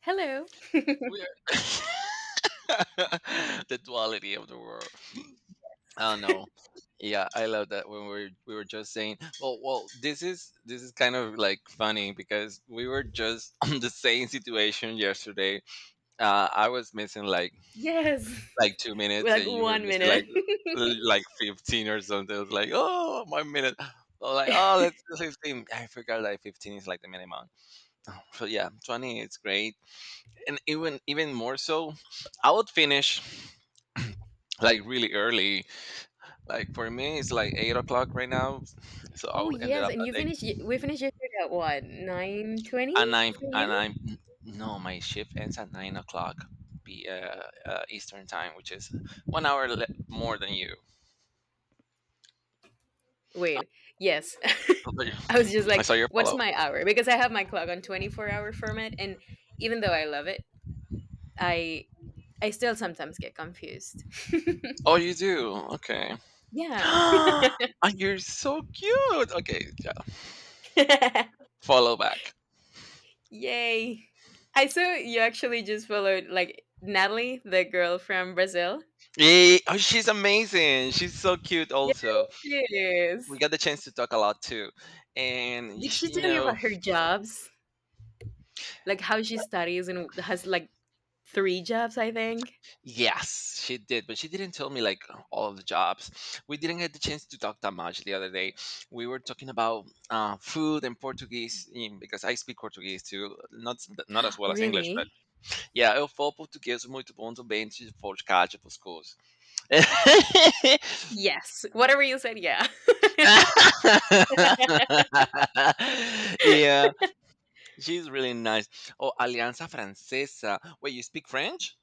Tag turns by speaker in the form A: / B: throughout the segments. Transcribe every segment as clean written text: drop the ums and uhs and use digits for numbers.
A: Hello.
B: We are the duality of the world. I don't know. Yeah, I love that when we were just saying, well, this is kind of like funny because we were just on the same situation yesterday. I was missing like
A: Yes.
B: like two
A: We're
B: minutes,
A: like
B: and you were
A: one
B: missing like
A: minute.
B: like 15 or something. I was like, oh, my minute. Oh, oh, let's do 15. I forgot like 15 is like the minimum. Oh, so yeah, 20 is great, and even more so I would finish like really early. Like for me, it's like 8 o'clock right now. So
A: Oh
B: I ended
A: yes,
B: up
A: and you
B: at eight,
A: finished. We finished yesterday at what 9:20
B: and I'm
A: for
B: and
A: you?
B: I'm no, my shift ends at 9 o'clock, be Eastern time, which is 1 hour more than you.
A: Wait, yes. I was just
B: I
A: like,
B: saw your
A: what's
B: follow.
A: my hour? Because I have my clock on 24-hour format, and even though I love it, I I still sometimes get confused.
B: Oh, you do? Okay.
A: Yeah.
B: And you're so cute. Okay, yeah. Follow back.
A: Yay! I saw you actually just followed like Natalie, the girl from Brazil.
B: Yay. Oh, she's amazing. She's so cute.
A: Yes,
B: Also,
A: she
B: we
A: is.
B: got the chance to talk a lot too, and you
A: Did
B: sh-
A: she
B: you
A: tell you
B: know
A: about her jobs? Like how she studies and has like three jobs, I think.
B: Yes, she did, but she didn't tell me like all of the jobs. We didn't get the chance to talk that much the other day. We were talking about food and Portuguese in, because I speak Portuguese too, not as well as English, but
A: Really?
B: yeah, eu falo português muito bom também se for de cá, tipo, os coisas.
A: Yes. Whatever you said, yeah.
B: Yeah, she's really nice. Oh, Alianza Francesa. Wait, you speak French?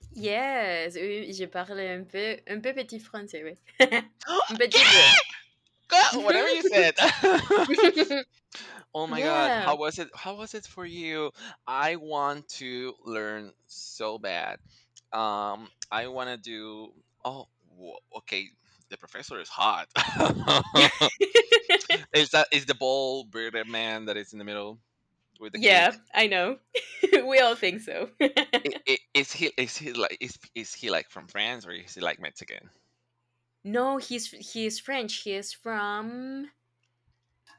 A: Yes, oui, je parle un peu petit français, oui. Un petit peu.
B: Girl, whatever you said. Oh my god,
A: Yeah.
B: how was it? How was it for you? I want to learn so bad. I want to do. Oh, okay. The professor is hot. Is that is the bald bearded man that is in the middle with the cake?
A: Yeah, I know. We all think so.
B: I Is he like is he like from France or is he like Mexican?
A: No, he is French. He is from,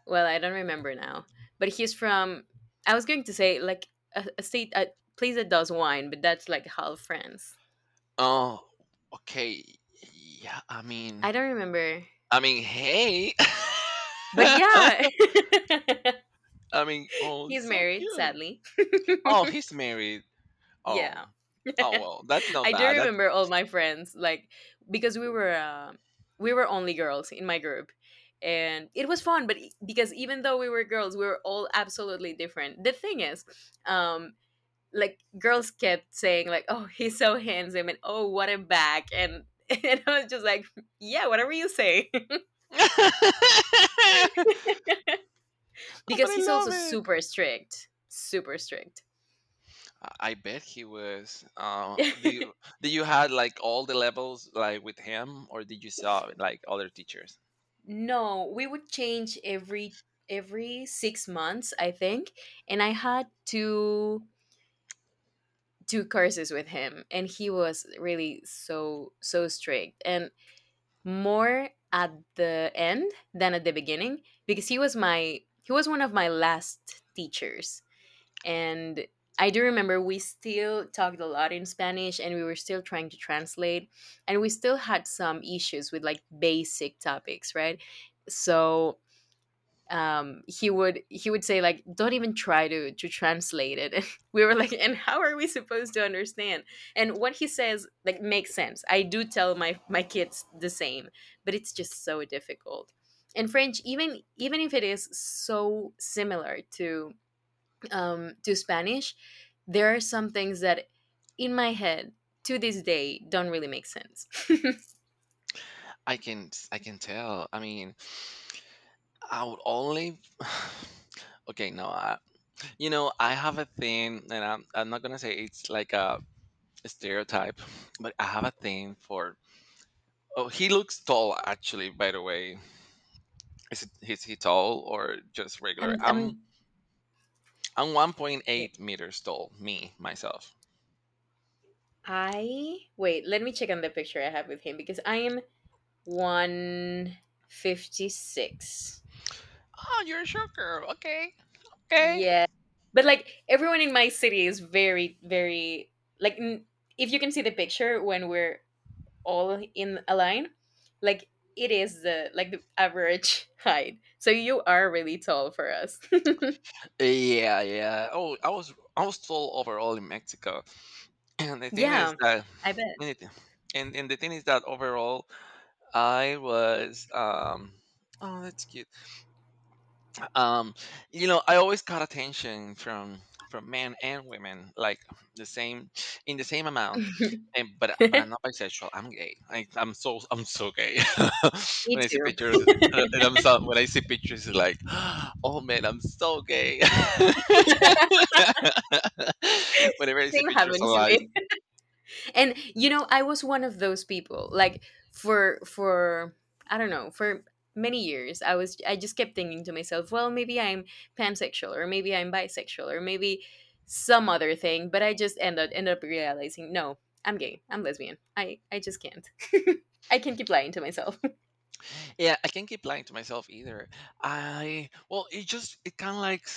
A: well, I don't remember now, but he's from. I was going to say like a state, a place that does wine, but that's like half France.
B: Oh, okay. Yeah,
A: I don't remember.
B: I mean, hey.
A: But yeah,
B: I mean, oh,
A: he's
B: so
A: married,
B: cute.
A: sadly.
B: Oh, he's married. Oh.
A: Yeah.
B: Oh, well, that's not
A: I do
B: bad. That's
A: remember all my friends, like, because we were only girls in my group, and it was fun, but because even though we were girls, we were all absolutely different. The thing is, um like, girls kept saying like, oh, he's so handsome, and oh, what a back, and and I was just like, yeah, whatever you say.
B: oh, but
A: Because
B: I
A: he's also
B: love it.
A: super strict, super strict.
B: I bet he was. Do you had like all the levels like with him, or did you saw like other teachers?
A: No, we would change every 6 months, I think. And I had two courses with him, and he was really so strict, and more at the end than at the beginning, because he was one of my last teachers, and I do remember we still talked a lot in Spanish, and we were still trying to translate, and we still had some issues with like basic topics, right? So he would say like, don't even try to translate it, and we were like, and how are we supposed to understand? And what he says, like, makes sense. I do tell my kids the same, but it's just so difficult. And French, even if it is so similar to spanish there are some things that in my head to this day don't really make sense.
B: I can tell. I mean, I would only. Okay, no, I, you know I have a thing, and I'm not gonna say it's like a stereotype, but I have a thing for. Oh, he looks tall actually. By the way, is it is he tall or just regular?
A: I'm
B: I'm
A: Wait,
B: 1.8 meters tall. Me myself.
A: I wait, let me check on the picture I have with him, because I am 156.
B: Oh, you're a short girl. Okay, okay.
A: Yeah. But like everyone in my city is very, very like, if you can see the picture when we're all in a line, like, it is the average height. So you are really tall for us.
B: Yeah, yeah. Oh, I was tall overall in Mexico, and
A: Yeah, I bet.
B: and it- the thing is that overall I was. Oh, that's cute. Um, you know, I always got attention from men and women, like the same in the same amount. And but I'm not bisexual. I'm gay. I'm so gay.
A: Me
B: When I see
A: too.
B: pictures, and I'm so, when I see pictures, it's like, oh man, I'm so gay. Whenever I see
A: Same
B: pictures
A: happened to
B: online,
A: me. And you know, I was one of those people, like, for I don't know, for many years, I just kept thinking to myself, well, maybe I'm pansexual, or maybe I'm bisexual, or maybe some other thing, but I just ended up realizing, no, I'm gay, I'm lesbian, I just can't. I can't keep lying to myself.
B: yeah, I can't keep lying to myself either. I well, it just it kind of like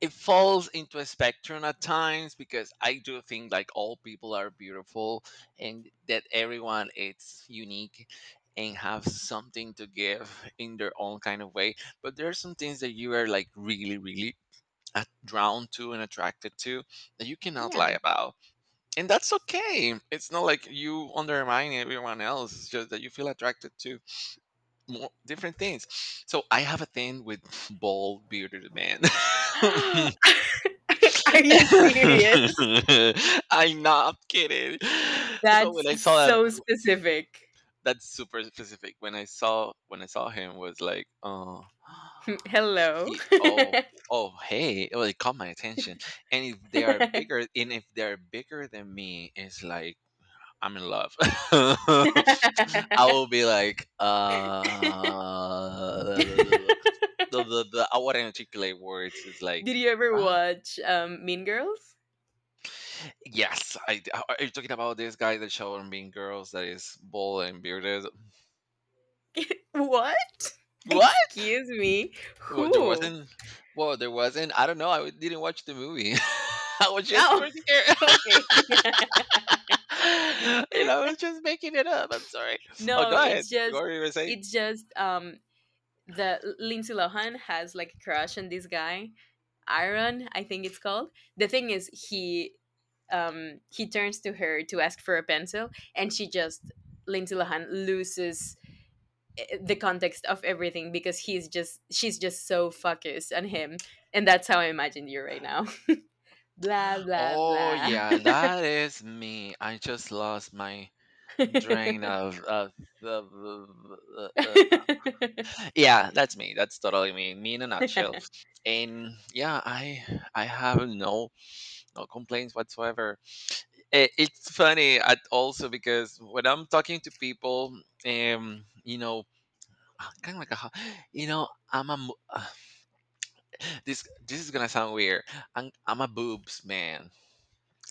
B: it falls into a spectrum at times because I do think like all people are beautiful and that everyone is unique and have something to give in their own kind of way. But there are some things that you are like really, drawn to and attracted to that you cannot lie
A: Yeah.
B: about. And that's okay. It's not like you undermine everyone else. It's just that you feel attracted to more different things. So I have a thing with bald bearded men.
A: Are you serious?
B: I'm not kidding. So when
A: That's
B: I saw that,
A: so specific.
B: that's super specific. When I saw him, was like, oh,
A: Mm, hello.
B: he, oh, oh, hey, well, it like, caught my attention. And if they are bigger, and if they're bigger than me, it's like I'm in love. I will be like, the, the, the, I wouldn't articulate words. It's like.
A: Did you ever
B: "Ah,
A: watch Mean Girls?
B: yes, I. Are you talking about this guy that showed on Mean Girls that is bald and bearded?
A: What?
B: What?
A: Excuse me.
B: Well, there
A: Who?
B: wasn't. Well, there wasn't. I don't know. I didn't watch the movie. I was just
A: Oh,
B: pretty scared.
A: okay.
B: You know, I was just making it up. I'm sorry. Oh,
A: No,
B: go ahead.
A: it's
B: What
A: just,
B: were you gonna say?
A: it's just the Lindsay Lohan has like a crush on this guy, Iron, I think it's called. The thing is, he turns to her to ask for a pencil, and she just Lindsay Lohan loses the context of everything, because he's just she's just so focused on him, and that's how I imagined you right now. Blah, blah,
B: Oh
A: blah.
B: yeah, that is me. I just lost my drain of, yeah, that's me. That's totally me. Me in a nutshell. And yeah, I have no complaints whatsoever. It's funny at also because when I'm talking to people, you know, kind of like a, you know, this is gonna sound weird. I'm a boobs man.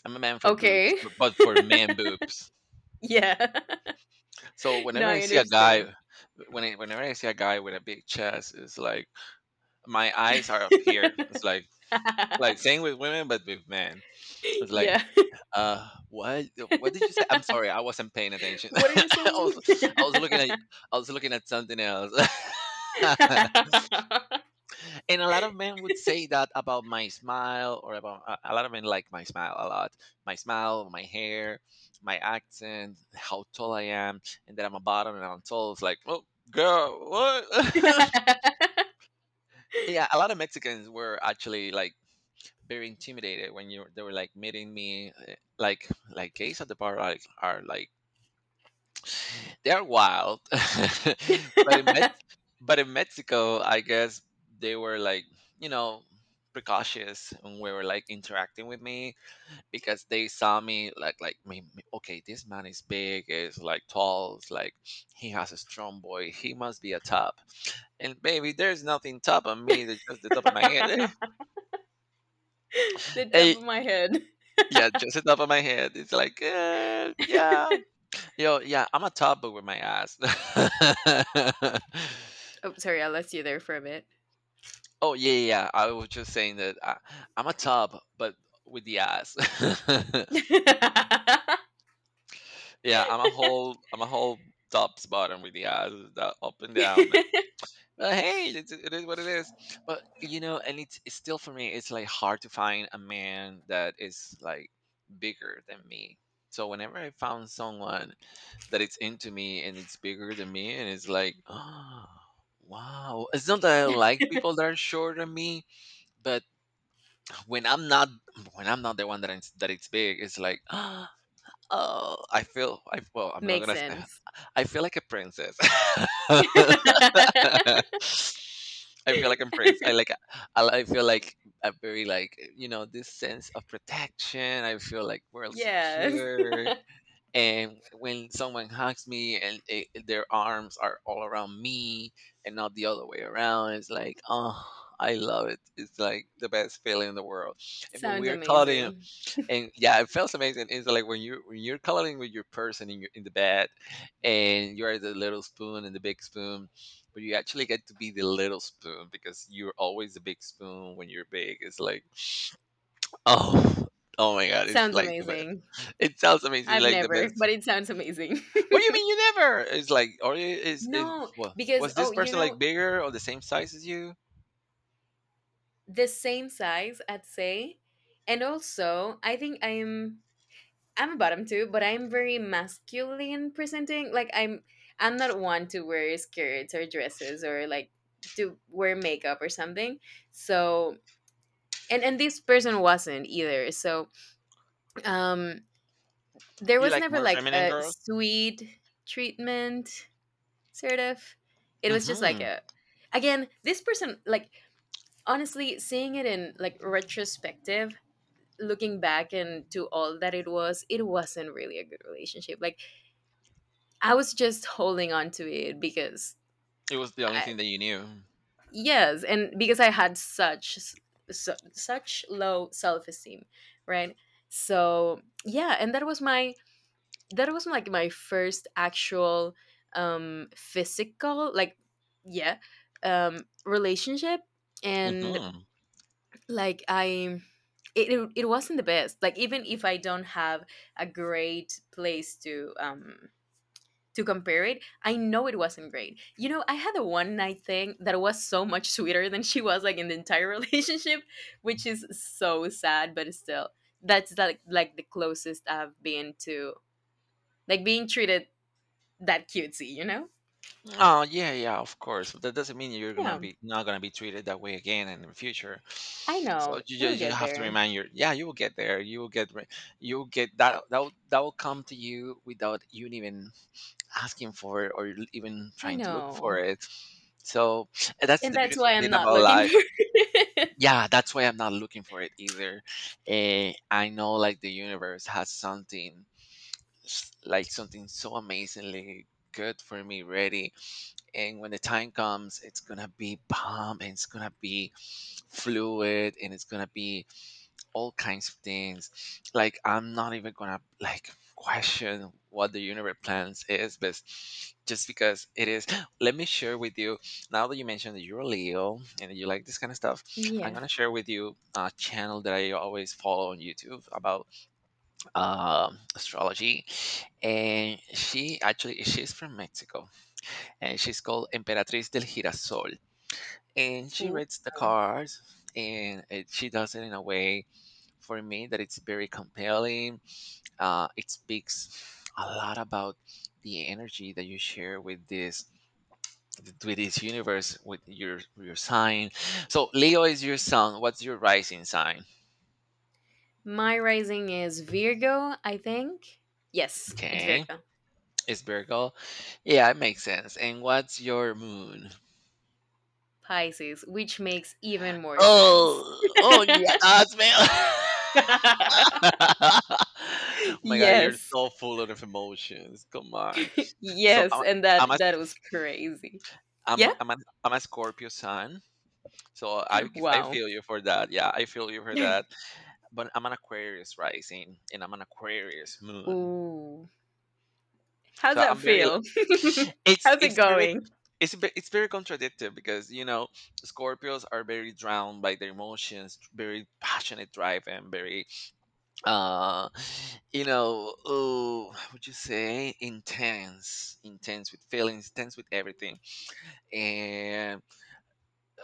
B: I'm a man for boobs,
A: Okay.
B: but for man boobs.
A: Yeah.
B: So
A: No,
B: whenever I
A: I
B: see a guy,
A: understand.
B: whenever I see a guy with a big chest, it's like my eyes are up here. It's like same with women, but with men. It's like
A: Yeah.
B: uh, what? What did you say? I'm sorry, I wasn't paying attention.
A: What are you saying?
B: Was, I was looking at,
A: The
B: I was looking at something else. And a lot of men would say that about my smile, or about a lot of men like my smile a lot. My smile, my hair, my accent, how tall I am, and that I'm a bottom and I'm tall. It's like, oh, girl, what? Yeah, a lot of Mexicans were actually like very intimidated when you they were like meeting me. Like gays at the bar are like they're wild. but in Mex but in Mexico, I guess they were like, you know, precautious and we were like interacting with me because they saw me like okay, this man is big, is like tall, is like he has a strong boy, he must be a top. And baby, there's nothing top of me, there's just the top of my head.
A: top
B: Hey,
A: of my head.
B: yeah, just the top of my head. It's like yeah, yo yeah, I'm a top but with my ass.
A: Oh, sorry, I lost you there for a bit.
B: Oh yeah, yeah, yeah. I was just saying that I'm a tub, but with the ass. Yeah, I'm a whole tub's bottom with the ass, the up and down. But hey, it is what it is. But you know, and it's still for me, it's like hard to find a man that is like bigger than me. So whenever I found someone that it's into me and it's bigger than me, and it's like, oh, wow. It's not that I don't like people that are shorter than me, but when I'm not when I'm not the one that that it's big, it's like oh, I well, I'm not
A: Makes
B: gonna say
A: sense.
B: I feel like a princess. I feel like I'm prince. I feel like a very like you know this sense of protection. I feel like world
A: Yes.
B: secure. And when someone hugs me and their arms are all around me and not the other way around, it's like oh, I love it. It's like the best feeling in the world and when
A: Sounds
B: we are caught in
A: amazing.
B: and yeah, it feels amazing. It's like when you when you're coloring with your person in your in the bed, and you are the little spoon and the big spoon, but you actually get to be the little spoon because you're always the big spoon when you're big. It's like oh oh my god, it's
A: Sounds
B: like the best.
A: amazing.
B: It sounds amazing,
A: I've
B: like the
A: never,
B: best.
A: but it sounds amazing.
B: What do you mean you never? It's like or is it,
A: No, because
B: was this
A: oh,
B: person like bigger or the same size as you?
A: the same size, I'd say. And also, I think I'm a bottom too, but I'm very masculine presenting. Like, I'm not one to wear skirts or dresses, or like to wear makeup or something. So, and this person wasn't either. So um there
B: You
A: was
B: like
A: never
B: more
A: like
B: feminine
A: a
B: girls?
A: sweet treatment, sort of. It was just like
B: Mm-hmm.
A: a again, this person, like, honestly, seeing it in like retrospective, looking back and to all that, it wasn't really a good relationship. Like, I was just holding on to it, because
B: It was the only
A: I
B: thing that you knew.
A: yes, and because I had such, such low self-esteem, right? So yeah, and that was my that was like my first actual physical, like, yeah, relationship, and
B: Hmm.
A: like, it wasn't the best. Like, even if I don't have a great place to compare it, I know it wasn't great. I had a one night thing that was so much sweeter than she was, like, in the entire relationship, which is so sad. But still, that's like the closest I've been to, like, being treated that cutesy.
B: Oh yeah, yeah, of course. But that doesn't mean you're gonna
A: Yeah,
B: be not gonna be treated that way again in the future.
A: I
B: So
A: know,
B: you
A: we'll
B: just you
A: get
B: have to
A: there.
B: remind your yeah, you will get there. You will get that that will come to you without you even asking for it or even
A: I
B: trying to look
A: know.
B: for it. So and that's
A: And
B: the
A: that's
B: beautiful
A: why I'm
B: thing
A: not
B: about
A: looking
B: life.
A: for,
B: Yeah, that's why I'm not looking for it either. I know, like, the universe has something like something so amazingly good for me ready, and when the time comes it's gonna be bomb, and it's gonna be fluid, and it's gonna be all kinds of things. Like, I'm not even gonna like question what the universe plans is, but just because it is let me share with you, now that you mentioned that you're a Leo and that you like this kind of stuff, I'm
A: yeah.
B: gonna share with you a channel that I always follow on YouTube about astrology. And she's from Mexico, and she's called Emperatriz del Girasol. And she
A: Ooh.
B: reads the cards, and she does it in a way for me that it's very compelling. It speaks a lot about the energy that you share with this, with this universe, with your sign. So Leo is your sun. What's your rising sign?
A: My rising is Virgo, I think. Yes, it's
B: Okay,
A: Virgo.
B: it's Virgo. Yeah, it makes sense. And what's your moon?
A: Pisces, which makes even more sense.
B: Oh, oh yeah, that's me. Oh my god, you're
A: Yes.
B: so full of emotions. Come on. So
A: Yes, and that
B: I'm a
A: that was crazy.
B: I'm
A: Yeah?
B: a, I'm a, I'm a Scorpio sun. So I
A: Wow.
B: feel you for that. Yeah, I feel you for that. But I'm an Aquarius rising and I'm an Aquarius moon.
A: Ooh. How's
B: So
A: that
B: I'm very,
A: feel?
B: it's
A: How's it
B: it's very,
A: going?
B: it's very contradictory, because you know Scorpios are very drowned by their emotions, very passionate drive and very uh you know, oh, how would you say, intense, intense with feelings, intense with everything. And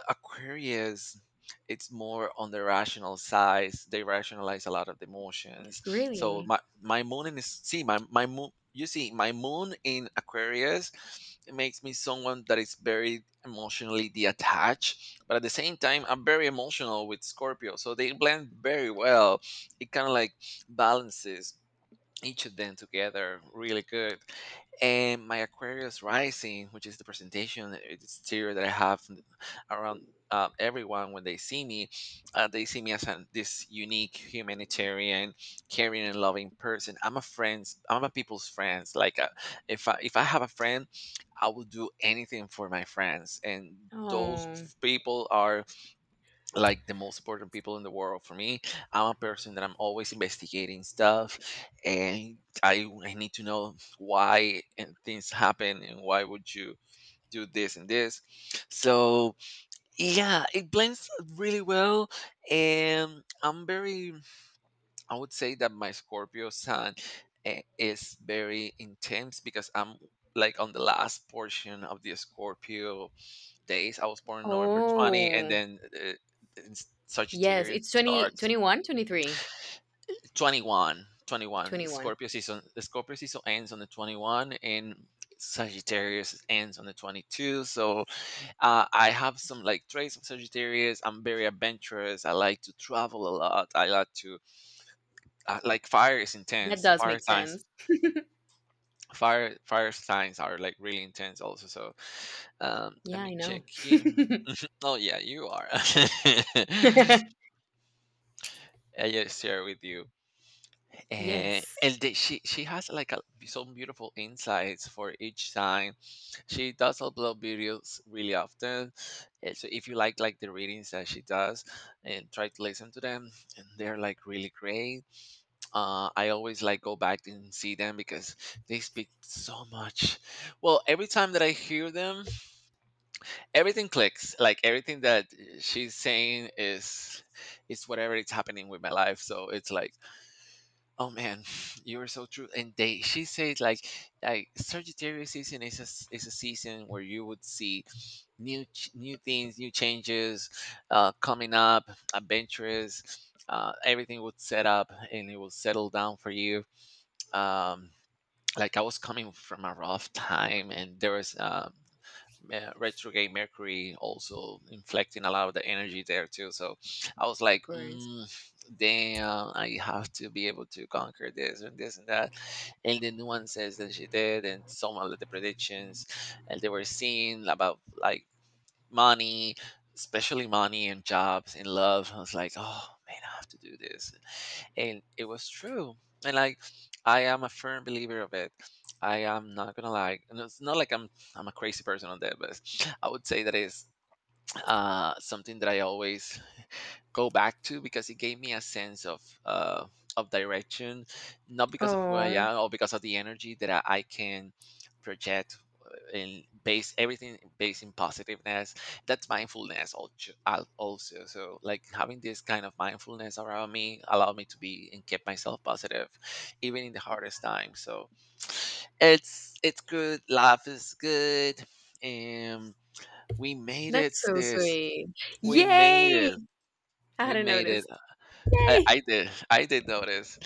B: Aquarius, it's more on the rational side. They rationalize a lot of the emotions. So
A: Really?
B: my moon in is see my my moon you see my moon in Aquarius, it makes me someone that is very emotionally detached, but at the same time I'm very emotional with Scorpio, so they blend very well. It kind of like balances each of them together really good. And my Aquarius rising, which is the presentation exterior that I have around, everyone when they see me as this unique humanitarian, caring and loving person. I'm a friend's, I'm a people's friends. Like, if I have a friend, I will do anything for my friends, and those
A: Oh.
B: people are like the most important people in the world for me. I'm a person that I'm always investigating stuff, and I need to know why and things happen, and why would you do this and this. So yeah, it blends really well. And I'm very, I would say that my Scorpio sun, is very intense because I'm like on the last portion of the Scorpio days. I was born November 20, and
A: Oh.
B: then in
A: Yes,
B: Sagittarius
A: it's 20,
B: starts
A: 21. 23
B: 21. 21.
A: 21
B: Scorpio season. The Scorpio season ends on the 21, and Sagittarius ends on the 22. So I have some like traits of Sagittarius. I'm very adventurous. I like to travel a lot. I like to like fire is
A: That
B: intense.
A: does
B: Fire
A: make
B: signs.
A: sense.
B: Fire signs are like really intense also. So let
A: Yeah,
B: me
A: I
B: check
A: know.
B: here. Oh yeah, you are. I just share with you.
A: Yes,
B: And she has like some beautiful insights for each sign. She does upload videos really often, so if you like the readings that she does, and try to listen to them, and they're like really great. I always like go back and see them because they speak so much. Well, every time that I hear them, everything clicks. Like everything that she's saying is, it's whatever is happening with my life. So it's like, oh man, you are so true. And she said, like Sagittarius season is is a season where you would see new things, new changes, coming up, adventures. Everything would set up and it will settle down for you. Um, like I was coming from a rough time, and there was retrograde Mercury also inflecting a lot of the energy there too. So I was
A: of
B: like,
A: course.
B: mm, damn, I have to be able to conquer this and this and that. And the nuances that she did and some of the predictions, and they were seeing about like money, especially money and jobs and love. I was like, oh man, I have to do this. And it was true. And like, I am a firm believer of it. I am not gonna lie. And it's not like I'm a crazy person on that, but I would say that is something that I always go back to, because it gave me a sense of direction, not because of who I
A: Oh,
B: am or because of the energy that I can project and base everything based in positiveness. That's mindfulness, also. So like having this kind of mindfulness around me allowed me to be and keep myself positive even in the hardest time. So it's good. Life is good. And we made it,
A: that's so
B: sis.
A: sweet.
B: We made
A: Yay!
B: it.
A: I
B: We
A: hadn't
B: made it.
A: noticed. Yay!
B: I did, I did notice.